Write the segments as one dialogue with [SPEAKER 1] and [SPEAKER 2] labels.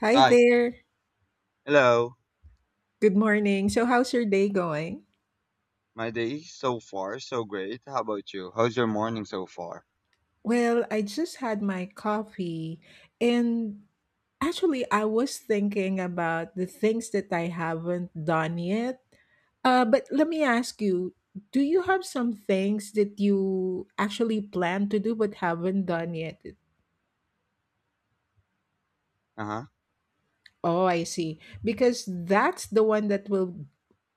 [SPEAKER 1] Hi
[SPEAKER 2] Hi,
[SPEAKER 1] there.
[SPEAKER 2] hello.
[SPEAKER 1] Good morning. So, how's your day going?
[SPEAKER 2] My day so far so great. How about you? How's your morning so far?
[SPEAKER 1] Well, I just had my coffee, and actually, I was thinking about the things that I haven't done yet. But let me ask you, do you have some things that you actually plan to do but haven't done yet?
[SPEAKER 2] Uh-huh.
[SPEAKER 1] Oh, I see. Because that's the one that will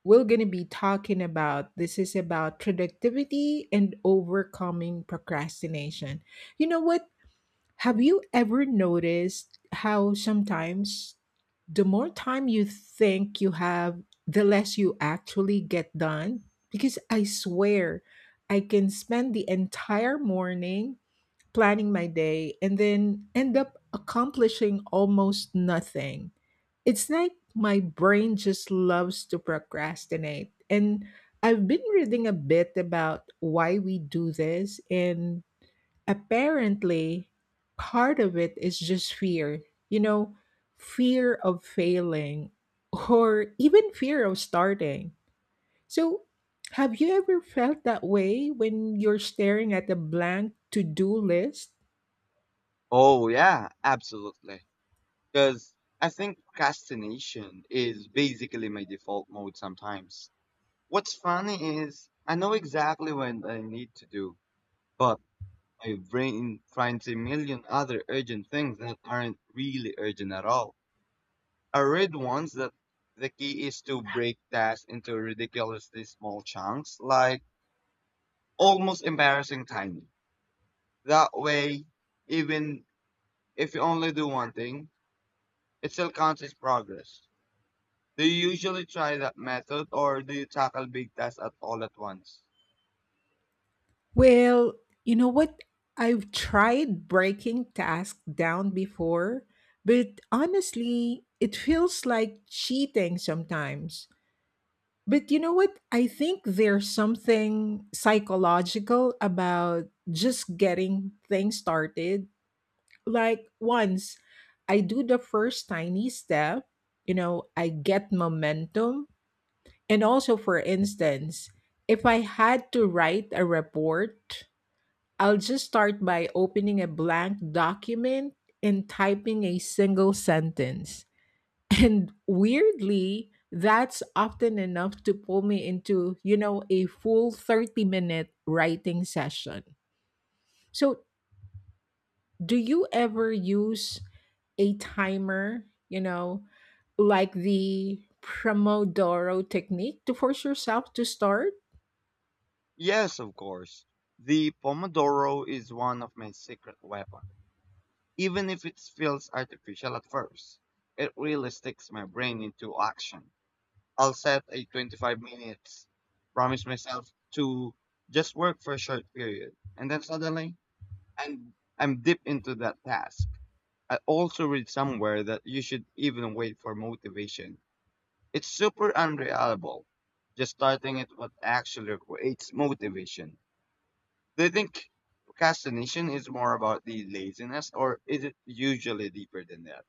[SPEAKER 1] we're going to be talking about. This is about productivity and overcoming procrastination. You know what? Have you ever noticed how sometimes the more time you think you have, the less you actually get done? Because I swear, I can spend the entire morning planning my day and then end up accomplishing almost nothing. It's like my brain just loves to procrastinate. And I've been reading a bit about why we do this, and apparently, part of it is just fear. You know, Fear of failing or even fear of starting. So, have you ever felt that way when you're staring at a blank to do list?
[SPEAKER 2] Oh yeah, absolutely. Because I think procrastination is basically my default mode sometimes. What's funny is I know exactly what I need to do, but my brain finds a million other urgent things that aren't really urgent at all. I read once that the key is to break tasks into ridiculously small chunks, like almost embarrassing tiny. That way, even if you only do one thing, it still counts as progress. Do you usually try that method or do you tackle big tasks at all at once?
[SPEAKER 1] Well, you know what? I've tried breaking tasks down before, but honestly, it feels like cheating sometimes. But you know what? I think there's something psychological about just getting things started. Like, once I do the first tiny step, I get momentum. And also, for instance, if I had to write a report, I'll just start by opening a blank document and typing a single sentence. And weirdly, that's often enough to pull me into, a full 30-minute minute writing session. So, do you ever use a timer, like the Promodoro technique to force yourself to start?
[SPEAKER 2] Yes, of course. The Pomodoro is one of my secret weapons. Even if it feels artificial at first, it really sticks my brain into action. I'll set a 25 minutes, promise myself to just work for a short period, and then suddenly. And I'm deep into that task. I also read somewhere that you should even wait for motivation. It's super unreliable. Just starting it what actually creates motivation. Do you think procrastination is more about the laziness or is it usually deeper than that?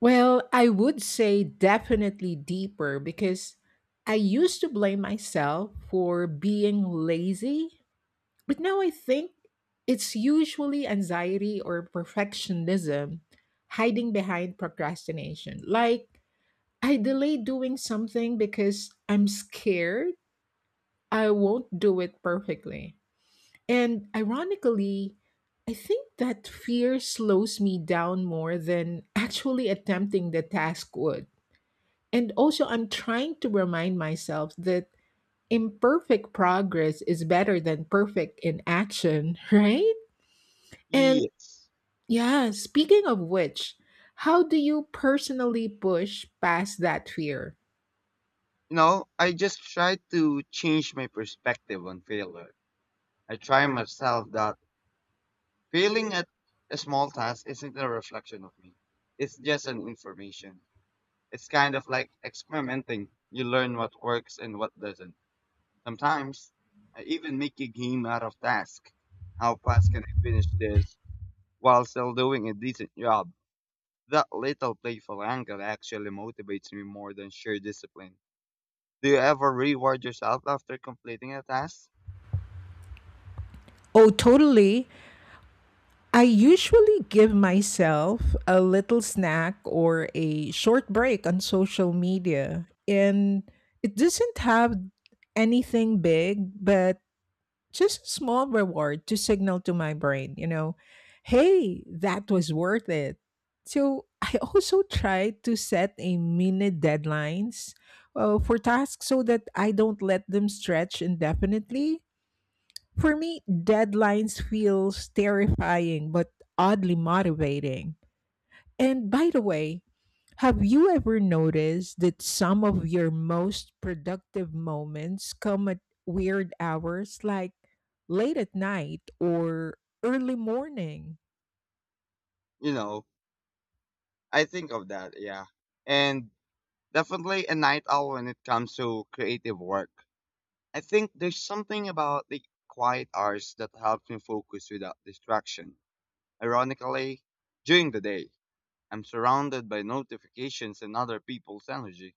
[SPEAKER 1] Well, I would say definitely deeper because I used to blame myself for being lazy, but now I think it's usually anxiety or perfectionism hiding behind procrastination. Like, I delay doing something because I'm scared I won't do it perfectly. And ironically, I think that fear slows me down more than actually attempting the task would. And also, I'm trying to remind myself that imperfect progress is better than perfect inaction, right? And
[SPEAKER 2] Yes.
[SPEAKER 1] yeah, speaking of which, how do you personally push past that fear?
[SPEAKER 2] You know, I just try to change my perspective on failure. I try myself that failing at a small task isn't a reflection of me. It's just an information. It's kind of like experimenting. You learn what works and what doesn't. Sometimes I even make a game out of task. How fast can I finish this while still doing a decent job? That little playful angle actually motivates me more than sheer discipline. Do you ever reward yourself after completing a task?
[SPEAKER 1] Oh, totally. I usually give myself a little snack or a short break on social media. And it doesn't have anything big, but just a small reward to signal to my brain, hey, that was worth it. So I also try to set a minute deadlines for tasks so that I don't let them stretch indefinitely. For me, deadlines feels terrifying but oddly motivating. And by the way, have you ever noticed that some of your most productive moments come at weird hours, like late at night or early morning?
[SPEAKER 2] You know, I think of that, yeah. And definitely a night owl when it comes to creative work. I think there's something about the quiet hours that helps me focus without distraction. Ironically, during the day, I'm surrounded by notifications and other people's energy,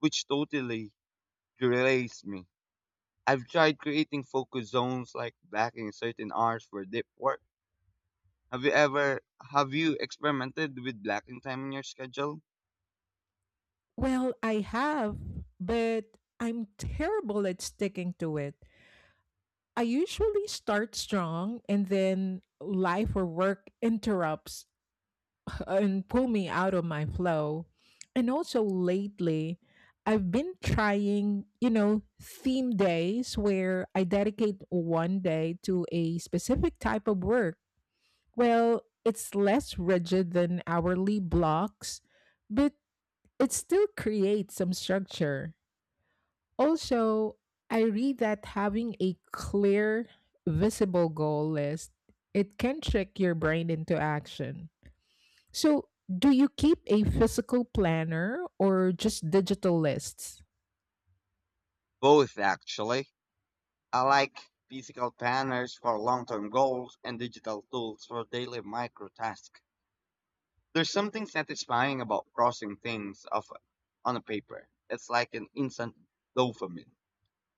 [SPEAKER 2] which totally derails me. I've tried creating focus zones like blacking certain hours for deep work. Have you ever have you experimented with blacking time in your schedule?
[SPEAKER 1] Well, I have, but I'm terrible at sticking to it. I usually start strong and then life or work interrupts and pull me out of my flow. And also lately, I've been trying, theme days where I dedicate one day to a specific type of work. Well, it's less rigid than hourly blocks, but it still creates some structure. Also, I read that having a clear, visible goal list, it can trick your brain into action. So, do you keep a physical planner or just digital lists?
[SPEAKER 2] Both actually. I like physical planners for long-term goals and digital tools for daily micro tasks. There's something satisfying about crossing things off on a paper. It's like an instant dopamine.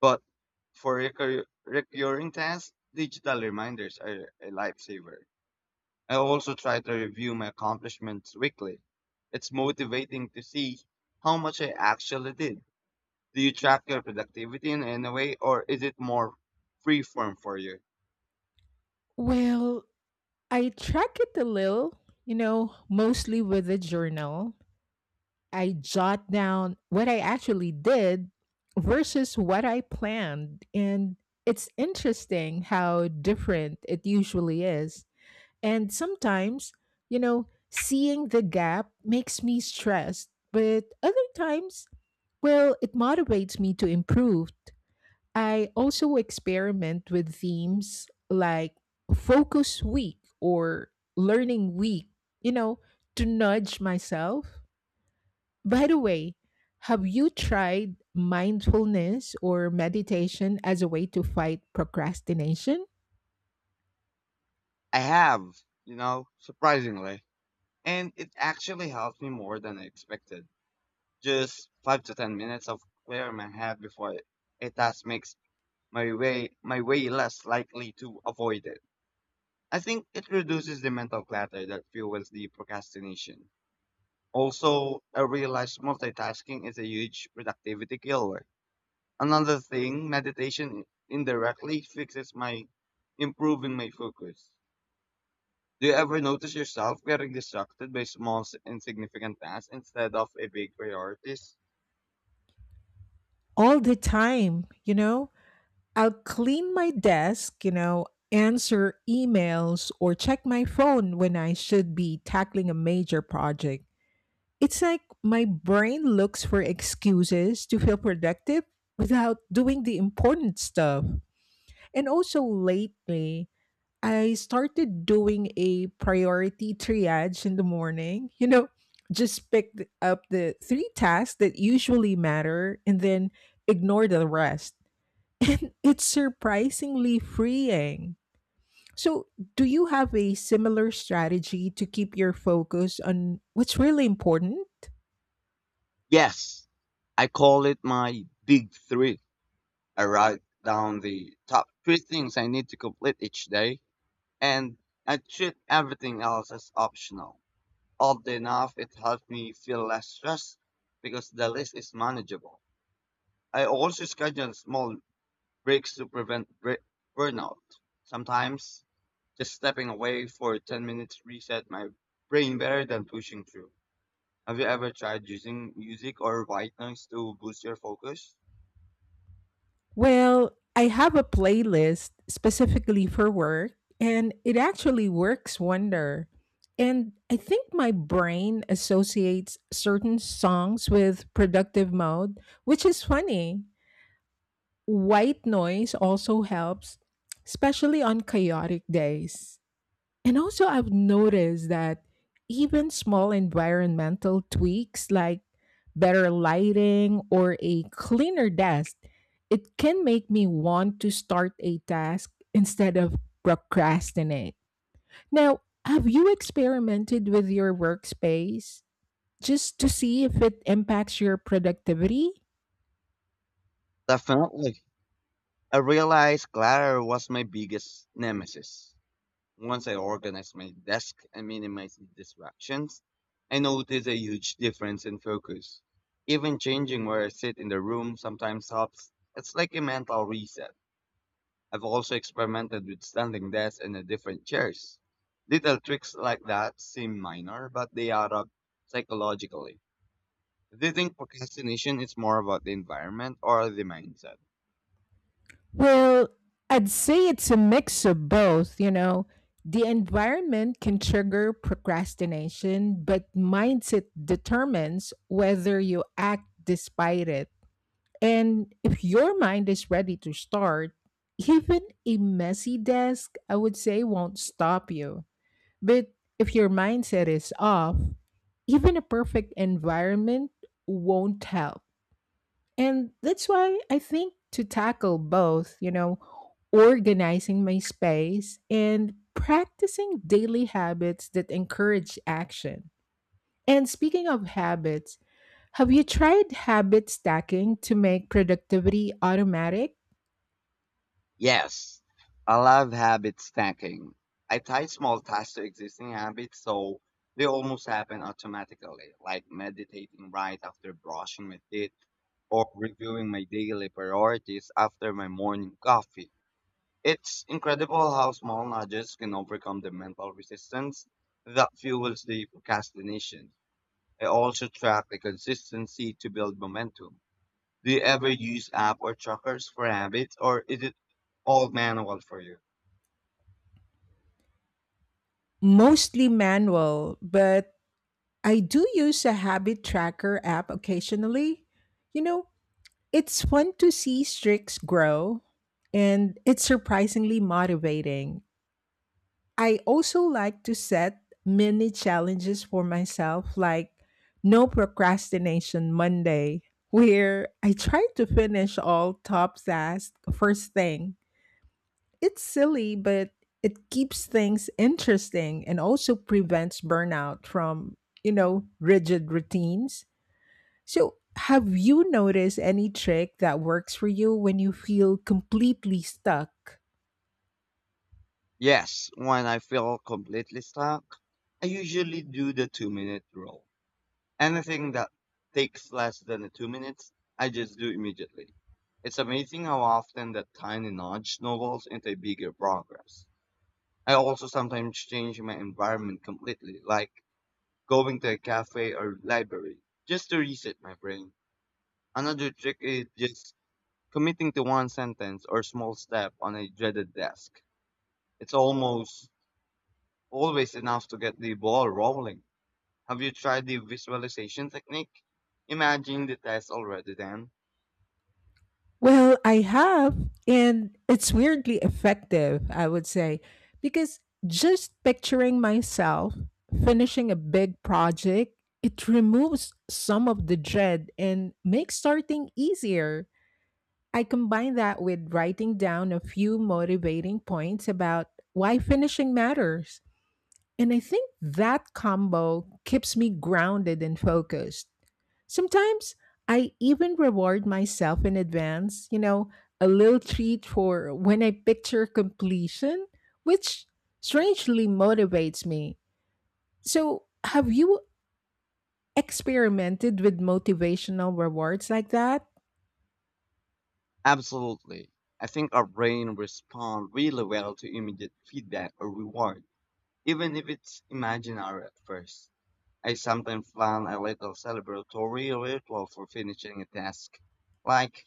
[SPEAKER 2] But for recurring tasks, digital reminders are a lifesaver. I also try to review my accomplishments weekly. It's motivating to see how much I actually did. Do you track your productivity in any way, or is it more freeform for you?
[SPEAKER 1] Well, I track it a little, mostly with a journal. I jot down what I actually did versus what I planned. And it's interesting how different it usually is. And sometimes, seeing the gap makes me stressed, but other times, well, it motivates me to improve. I also experiment with themes like focus week or learning week, you know, to nudge myself. By the way, have you tried mindfulness or meditation as a way to fight procrastination?
[SPEAKER 2] I have, you know, surprisingly. And it actually helps me more than I expected. Just 5 to 10 minutes of clearing my head before a task makes my way less likely to avoid it. I think it reduces the mental clutter that fuels the procrastination. Also, I realized multitasking is a huge productivity killer. Another thing, meditation indirectly fixes my improving my focus. Do you ever notice yourself getting distracted by small, insignificant tasks instead of a big priorities?
[SPEAKER 1] All the time, you know? I'll clean my desk, answer emails or check my phone when I should be tackling a major project. It's like my brain looks for excuses to feel productive without doing the important stuff. And also lately, I started doing a priority triage in the morning. You know, just pick up the 3 tasks that usually matter and then ignore the rest. And it's surprisingly freeing. So, do you have a similar strategy to keep your focus on what's really important?
[SPEAKER 2] Yes, I call it my big three. I write down the top three things I need to complete each day, and I treat everything else as optional. Oddly enough, it helps me feel less stressed because the list is manageable. I also schedule small breaks to prevent burnout. Sometimes, just stepping away for 10 minutes reset my brain better than pushing through. Have you ever tried using music or white noise to boost your focus?
[SPEAKER 1] Well, I have a playlist specifically for work, and it actually works wonder. And I think my brain associates certain songs with productive mode, which is funny. White noise also helps, especially on chaotic days. And also, I've noticed that even small environmental tweaks like better lighting or a cleaner desk, it can make me want to start a task instead of procrastinate. Now, have you experimented with your workspace just to see if it impacts your productivity?
[SPEAKER 2] Definitely. I realized Clatter was my biggest nemesis. Once I organized my desk and minimized distractions, I noticed a huge difference in focus. Even changing where I sit in the room sometimes helps. It's like a mental reset. I've also experimented with standing desks and different chairs. Little tricks like that seem minor, but they add up psychologically. Do you think procrastination is more about the environment or the mindset?
[SPEAKER 1] Well, I'd say it's a mix of both, you know. The environment can trigger procrastination, but mindset determines whether you act despite it. And if your mind is ready to start, even a messy desk, I would say, won't stop you. But if your mindset is off, even a perfect environment won't help. And that's why I think to tackle both, organizing my space and practicing daily habits that encourage action. And speaking of habits, have you tried habit stacking to make productivity automatic?
[SPEAKER 2] Yes, I love habit stacking. I tie small tasks to existing habits so they almost happen automatically, like meditating right after brushing my teeth or reviewing my daily priorities after my morning coffee. It's incredible how small nudges can overcome the mental resistance that fuels the procrastination. I also track the consistency to build momentum. Do you ever use app or trackers for habits, or is it all manual for you?
[SPEAKER 1] Mostly manual, but I do use a habit tracker app occasionally. You know, it's fun to see streaks grow and it's surprisingly motivating. I also like to set mini challenges for myself, like No Procrastination Monday, where I try to finish all top tasks first thing. It's silly, but it keeps things interesting and also prevents burnout from, rigid routines. So, have you noticed any trick that works for you when you feel completely stuck?
[SPEAKER 2] Yes, when I feel completely stuck, I usually do the 2-minute rule. Anything that takes less than 2 minutes, I just do immediately. It's amazing how often that tiny nudge snowballs into bigger progress. I also sometimes change my environment completely, like going to a cafe or library, just to reset my brain. Another trick is just committing to one sentence or small step on a dreaded desk. It's almost always enough to get the ball rolling. Have you tried the visualization technique? Imagine the test already then.
[SPEAKER 1] Well, I have, and it's weirdly effective, I would say, because just picturing myself finishing a big project, it removes some of the dread and makes starting easier. I combine that with writing down a few motivating points about why finishing matters. And I think that combo keeps me grounded and focused. Sometimes I even reward myself in advance, a little treat for when I picture completion, which strangely motivates me. So, have you experimented with motivational rewards like that?
[SPEAKER 2] Absolutely. I think our brain responds really well to immediate feedback or reward, even if it's imaginary at first. I sometimes plan a little celebratory ritual for finishing a task, like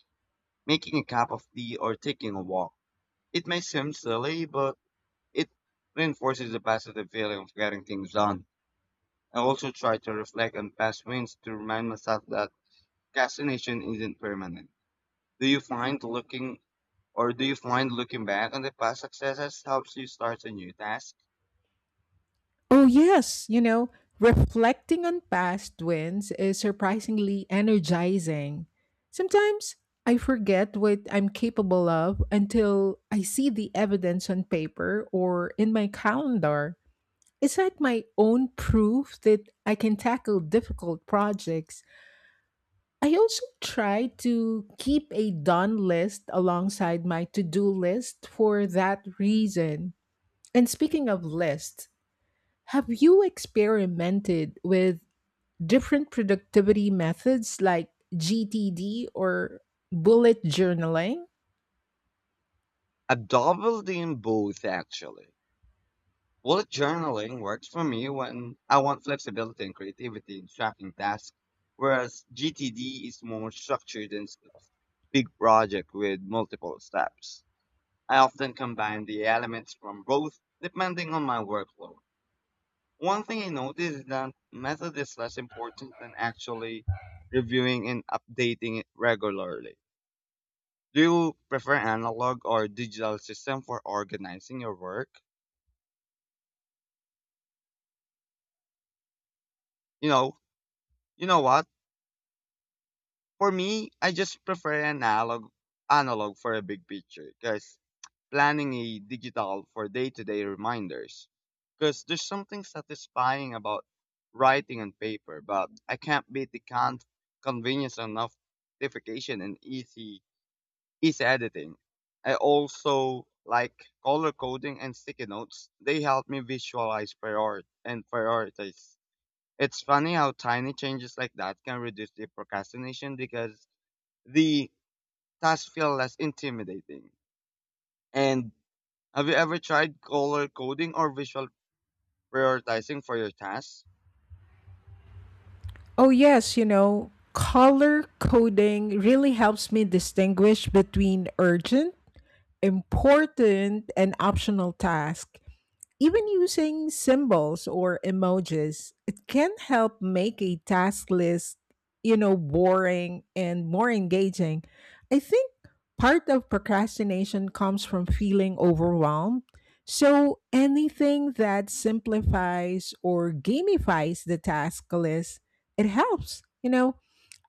[SPEAKER 2] making a cup of tea or taking a walk. It may seem silly, but it reinforces the positive feeling of getting things done. I also try to reflect on past wins to remind myself that procrastination isn't permanent. Do you find looking do you find looking back on the past successes helps you start a new task?
[SPEAKER 1] Oh, yes. You know, reflecting on past wins is surprisingly energizing. Sometimes I forget what I'm capable of until I see the evidence on paper or in my calendar. It's like my own proof that I can tackle difficult projects. I also try to keep a done list alongside my to do list for that reason. And speaking of lists, have you experimented with different productivity methods like GTD or bullet journaling?
[SPEAKER 2] I doubled in both actually. Bullet journaling works for me when I want flexibility and creativity in tracking tasks, whereas GTD is more structured and big project with multiple steps. I often combine the elements from both depending on my workload. One thing I noticed is that method is less important than actually reviewing and updating it regularly. Do you prefer analog or digital system for organizing your work? You know, you know what? For me, I just prefer analog for a big picture because planning a digital for day-to-day reminders. Because there's something satisfying about writing on paper, but I can't beat the convenience of notification and easy is editing. I also like color coding and sticky notes. They help me visualize prior and priorities. It's funny how tiny changes like that can reduce the procrastination because the tasks feel less intimidating. And have you ever tried color coding or visual prioritizing for your tasks?
[SPEAKER 1] Oh, yes, you know, color coding really helps me distinguish between urgent, important, and optional tasks. Even using symbols or emojis, it can help make a task list, boring and more engaging. I think part of procrastination comes from feeling overwhelmed. So anything that simplifies or gamifies the task list, it helps, you know.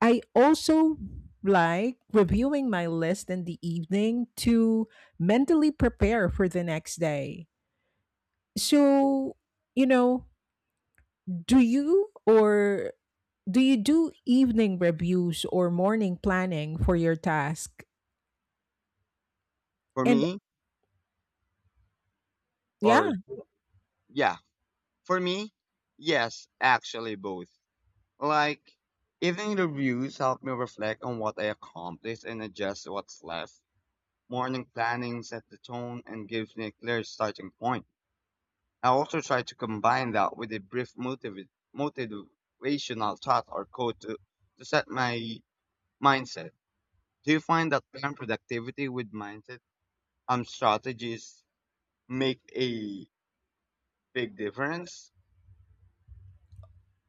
[SPEAKER 1] I also like reviewing my list in the evening to mentally prepare for the next day. So, you know, do you or do you do evening reviews or morning planning for your task?
[SPEAKER 2] For
[SPEAKER 1] And
[SPEAKER 2] me,
[SPEAKER 1] yeah,
[SPEAKER 2] or yeah, for me, yes, actually both. Like, evening reviews help me reflect on what I accomplished and adjust what's left. Morning planning sets the tone and gives me a clear starting point. I also try to combine that with a brief motivational thought or quote to set my mindset. Do you find that pairing productivity with mindset strategies make a big difference?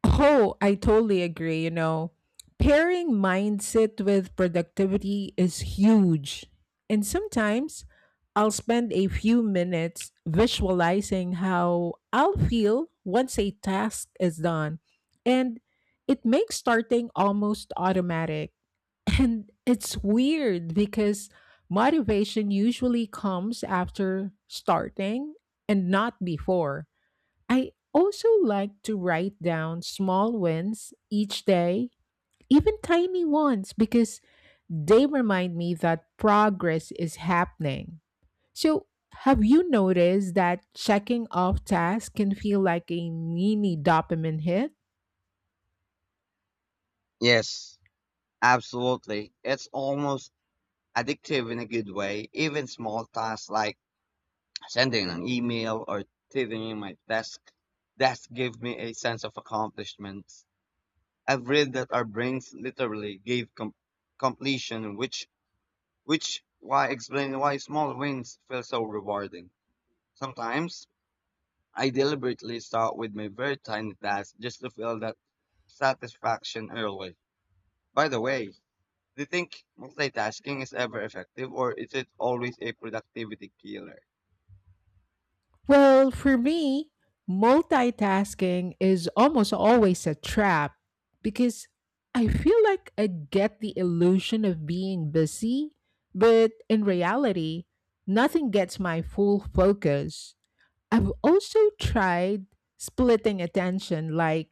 [SPEAKER 1] oh, I totally agree. You know, pairing mindset with productivity is huge. And sometimes I'll spend a few minutes visualizing how I'll feel once a task is done. And it makes starting almost automatic. And it's weird because motivation usually comes after starting and not before. I also like to write down small wins each day, even tiny ones, because they remind me that progress is happening. So, have you noticed that checking off tasks can feel like a mini dopamine hit?
[SPEAKER 2] Yes, absolutely. It's almost addictive in a good way. Even small tasks like sending an email or tidying my desk gave me a sense of accomplishment. I've read that our brains literally gave completion, which why explain why small wins feel so rewarding. Sometimes I deliberately start with my very tiny task just to feel that satisfaction early. By the way, do you think multitasking is ever effective or is it always a productivity killer?
[SPEAKER 1] Well, for me, multitasking is almost always a trap because I feel like I get the illusion of being busy, but in reality, nothing gets my full focus. I've also tried splitting attention, like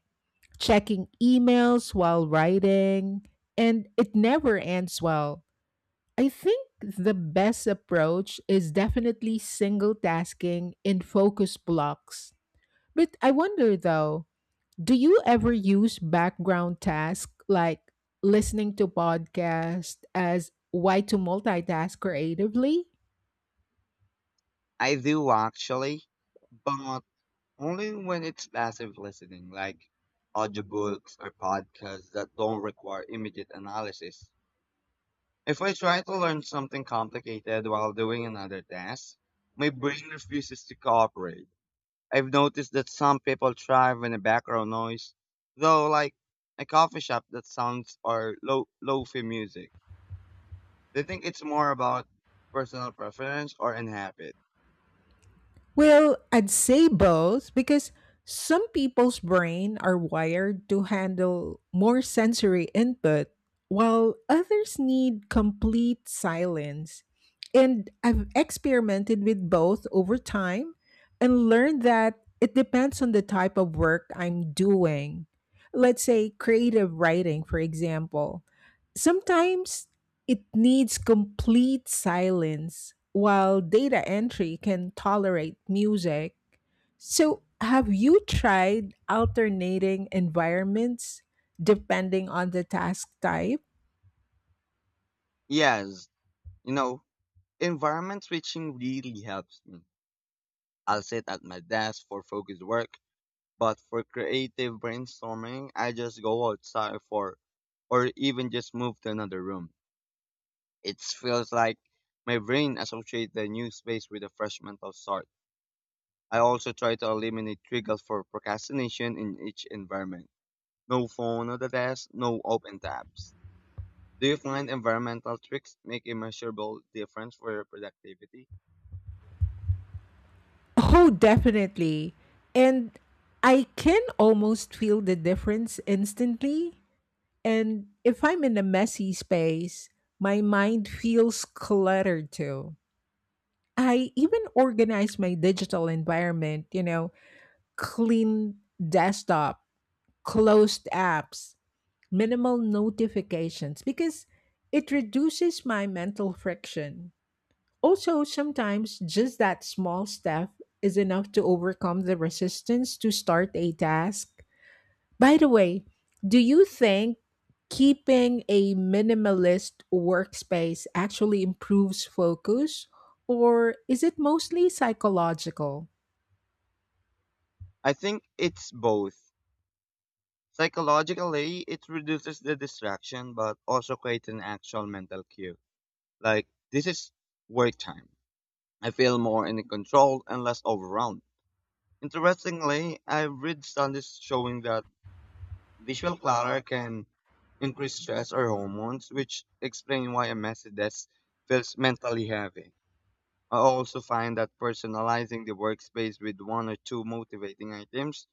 [SPEAKER 1] checking emails while writing, and it never ends well. I think the best approach is definitely single tasking in focus blocks. But I wonder though, do you ever use background tasks like listening to podcast as why to multitask creatively?
[SPEAKER 2] I do actually, but only when it's passive listening, like audiobooks or podcasts that don't require immediate analysis. If I try to learn something complicated while doing another task, my brain refuses to cooperate. I've noticed that some people thrive in a background noise, though, like a coffee shop that sounds or low lo-fi music. They think it's more about personal preference or an habit.
[SPEAKER 1] Well, I'd say both because some people's brain are wired to handle more sensory input while others need complete silence. And I've experimented with both over time and learned that it depends on the type of work I'm doing. Let's say creative writing, for example. Sometimes it needs complete silence, while data entry can tolerate music. So, have you tried alternating environments depending on the task type?
[SPEAKER 2] Yes, you know, environment switching really helps me. I'll sit at my desk for focused work, but for creative brainstorming, I just go outside for or even just move to another room. It feels like my brain associates the new space with a fresh mental start. I also try to eliminate triggers for procrastination in each environment. No phone at the desk, no open tabs. Do you find environmental tricks make a measurable difference for your productivity?
[SPEAKER 1] Oh, definitely. And I can almost feel the difference instantly. And if I'm in a messy space, my mind feels cluttered too. I even organize my digital environment, clean desktop, closed apps, minimal notifications, because it reduces my mental friction. Also, sometimes just that small step is enough to overcome the resistance to start a task. By the way, do you think keeping a minimalist workspace actually improves focus, or is it mostly psychological?
[SPEAKER 2] I think it's both. Psychologically, it reduces the distraction, but also creates an actual mental cue. Like, this is work time. I feel more in control and less overwhelmed. Interestingly, I've read studies showing that visual clutter can increase stress or hormones, which explain why a messy desk feels mentally heavy. I also find that personalizing the workspace with one or two motivating items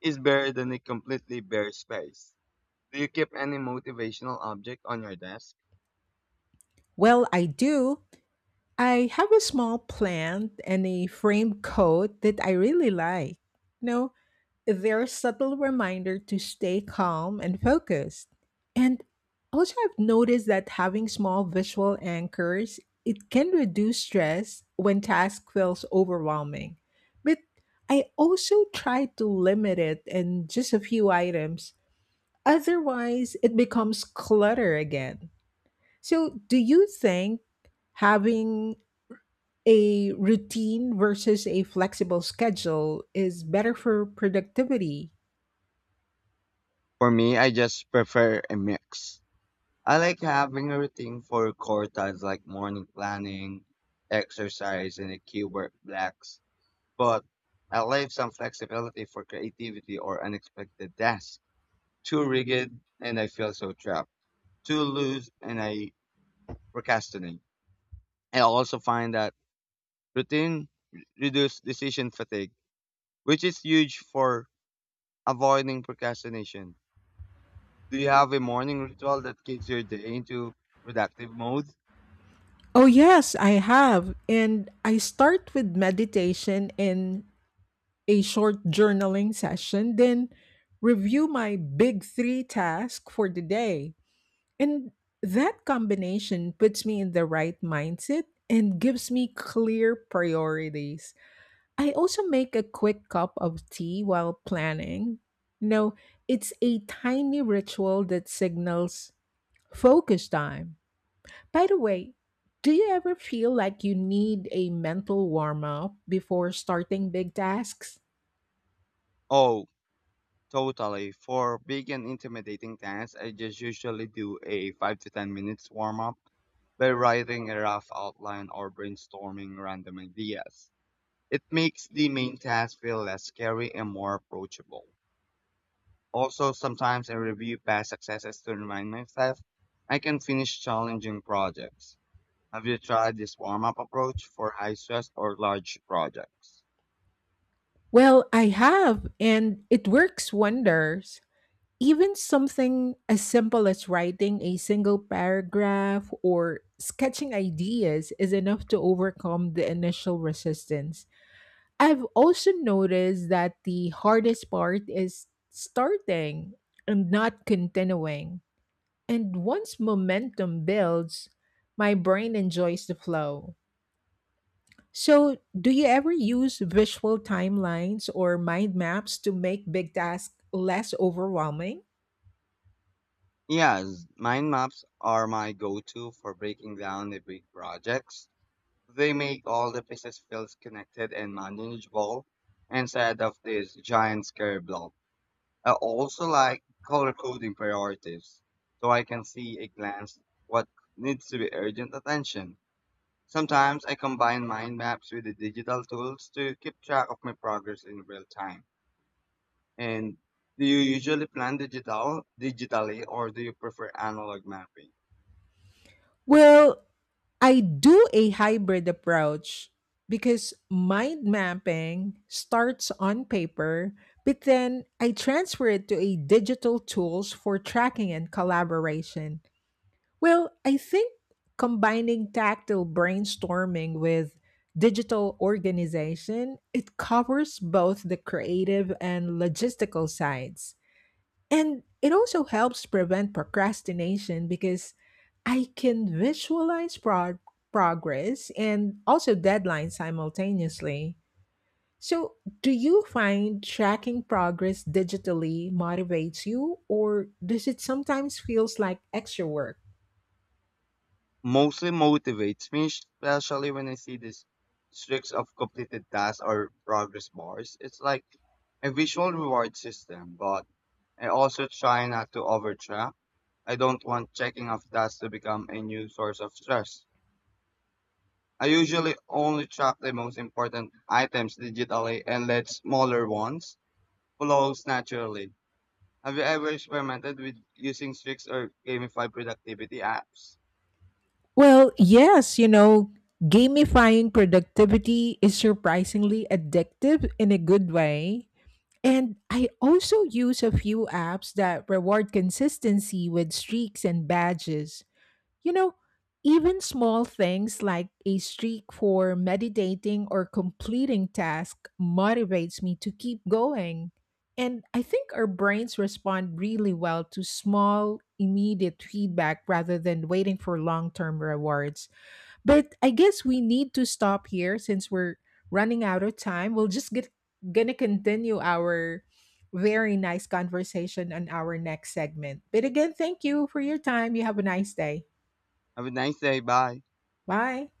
[SPEAKER 2] is better than a completely bare space. Do you keep any motivational object on your desk?
[SPEAKER 1] Well, I do. I have a small plant and a framed coat that I really like. No, they're a subtle reminder to stay calm and focused. And also, I've noticed that having small visual anchors, it can reduce stress when task feels overwhelming. But I also try to limit it in just a few items. Otherwise, it becomes clutter again. So, do you think having a routine versus a flexible schedule is better for productivity?
[SPEAKER 2] For me, I just prefer a mix. I like having a routine for core tasks like morning planning, exercise, and a key work blocks. But I leave some flexibility for creativity or unexpected tasks. Too rigid, and I feel so trapped. Too loose, and I procrastinate. I also find that routine reduces decision fatigue, which is huge for avoiding procrastination. Do you have a morning ritual that kicks your day into productive mode?
[SPEAKER 1] Oh, yes, I have. And I start with meditation and a short journaling session, then review my big 3 task for the day. And that combination puts me in the right mindset and gives me clear priorities. I also make a quick cup of tea while planning. You know, it's a tiny ritual that signals focus time. By the way, do you ever feel like you need a mental warm up before starting big tasks?
[SPEAKER 2] Oh, totally. For big and intimidating tasks, I just usually do a 5 to 10 minutes warm up by writing a rough outline or brainstorming random ideas. It makes the main task feel less scary and more approachable. Also, sometimes I review past successes to remind myself I can finish challenging projects. Have you tried this warm up approach for high stress or large projects?
[SPEAKER 1] Well, I have, and it works wonders. Even something as simple as writing a single paragraph or sketching ideas is enough to overcome the initial resistance. I've also noticed that the hardest part is starting and not continuing. And once momentum builds, my brain enjoys the flow. So, do you ever use visual timelines or mind maps to make big tasks less overwhelming?
[SPEAKER 2] Yes, mind maps are my go-to for breaking down the big projects. They make all the pieces feel connected and manageable instead of this giant scary blob. I also like color coding priorities so I can see a glance what needs to be urgent attention. Sometimes I combine mind maps with the digital tools to keep track of my progress in real time. And do you usually plan digitally or do you prefer analog mapping?
[SPEAKER 1] Well, I do a hybrid approach because mind mapping starts on paper, but then I transfer it to a digital tools for tracking and collaboration. Well, I think combining tactile brainstorming with digital organization, it covers both the creative and logistical sides. And it also helps prevent procrastination because I can visualize progress and also deadlines simultaneously. So, do you find tracking progress digitally motivates you or does it sometimes feels like extra work?
[SPEAKER 2] Mostly motivates me, especially when I see these streaks of completed tasks or progress bars. It's like a visual reward system, but I also try not to overtrack. I don't want checking off tasks to become a new source of stress. I usually only track the most important items digitally and let smaller ones flow naturally. Have you ever experimented with using streaks or gamify productivity apps?
[SPEAKER 1] Well, yes, gamifying productivity is surprisingly addictive in a good way. And I also use a few apps that reward consistency with streaks and badges. You know, even small things like a streak for meditating or completing tasks motivates me to keep going. And I think our brains respond really well to small, immediate feedback rather than waiting for long term rewards. But I guess we need to stop here since we're running out of time. We'll just get gonna continue our very nice conversation on our next segment. But again, thank you for your time. You have a nice day.
[SPEAKER 2] Have a nice day. Bye.
[SPEAKER 1] Bye.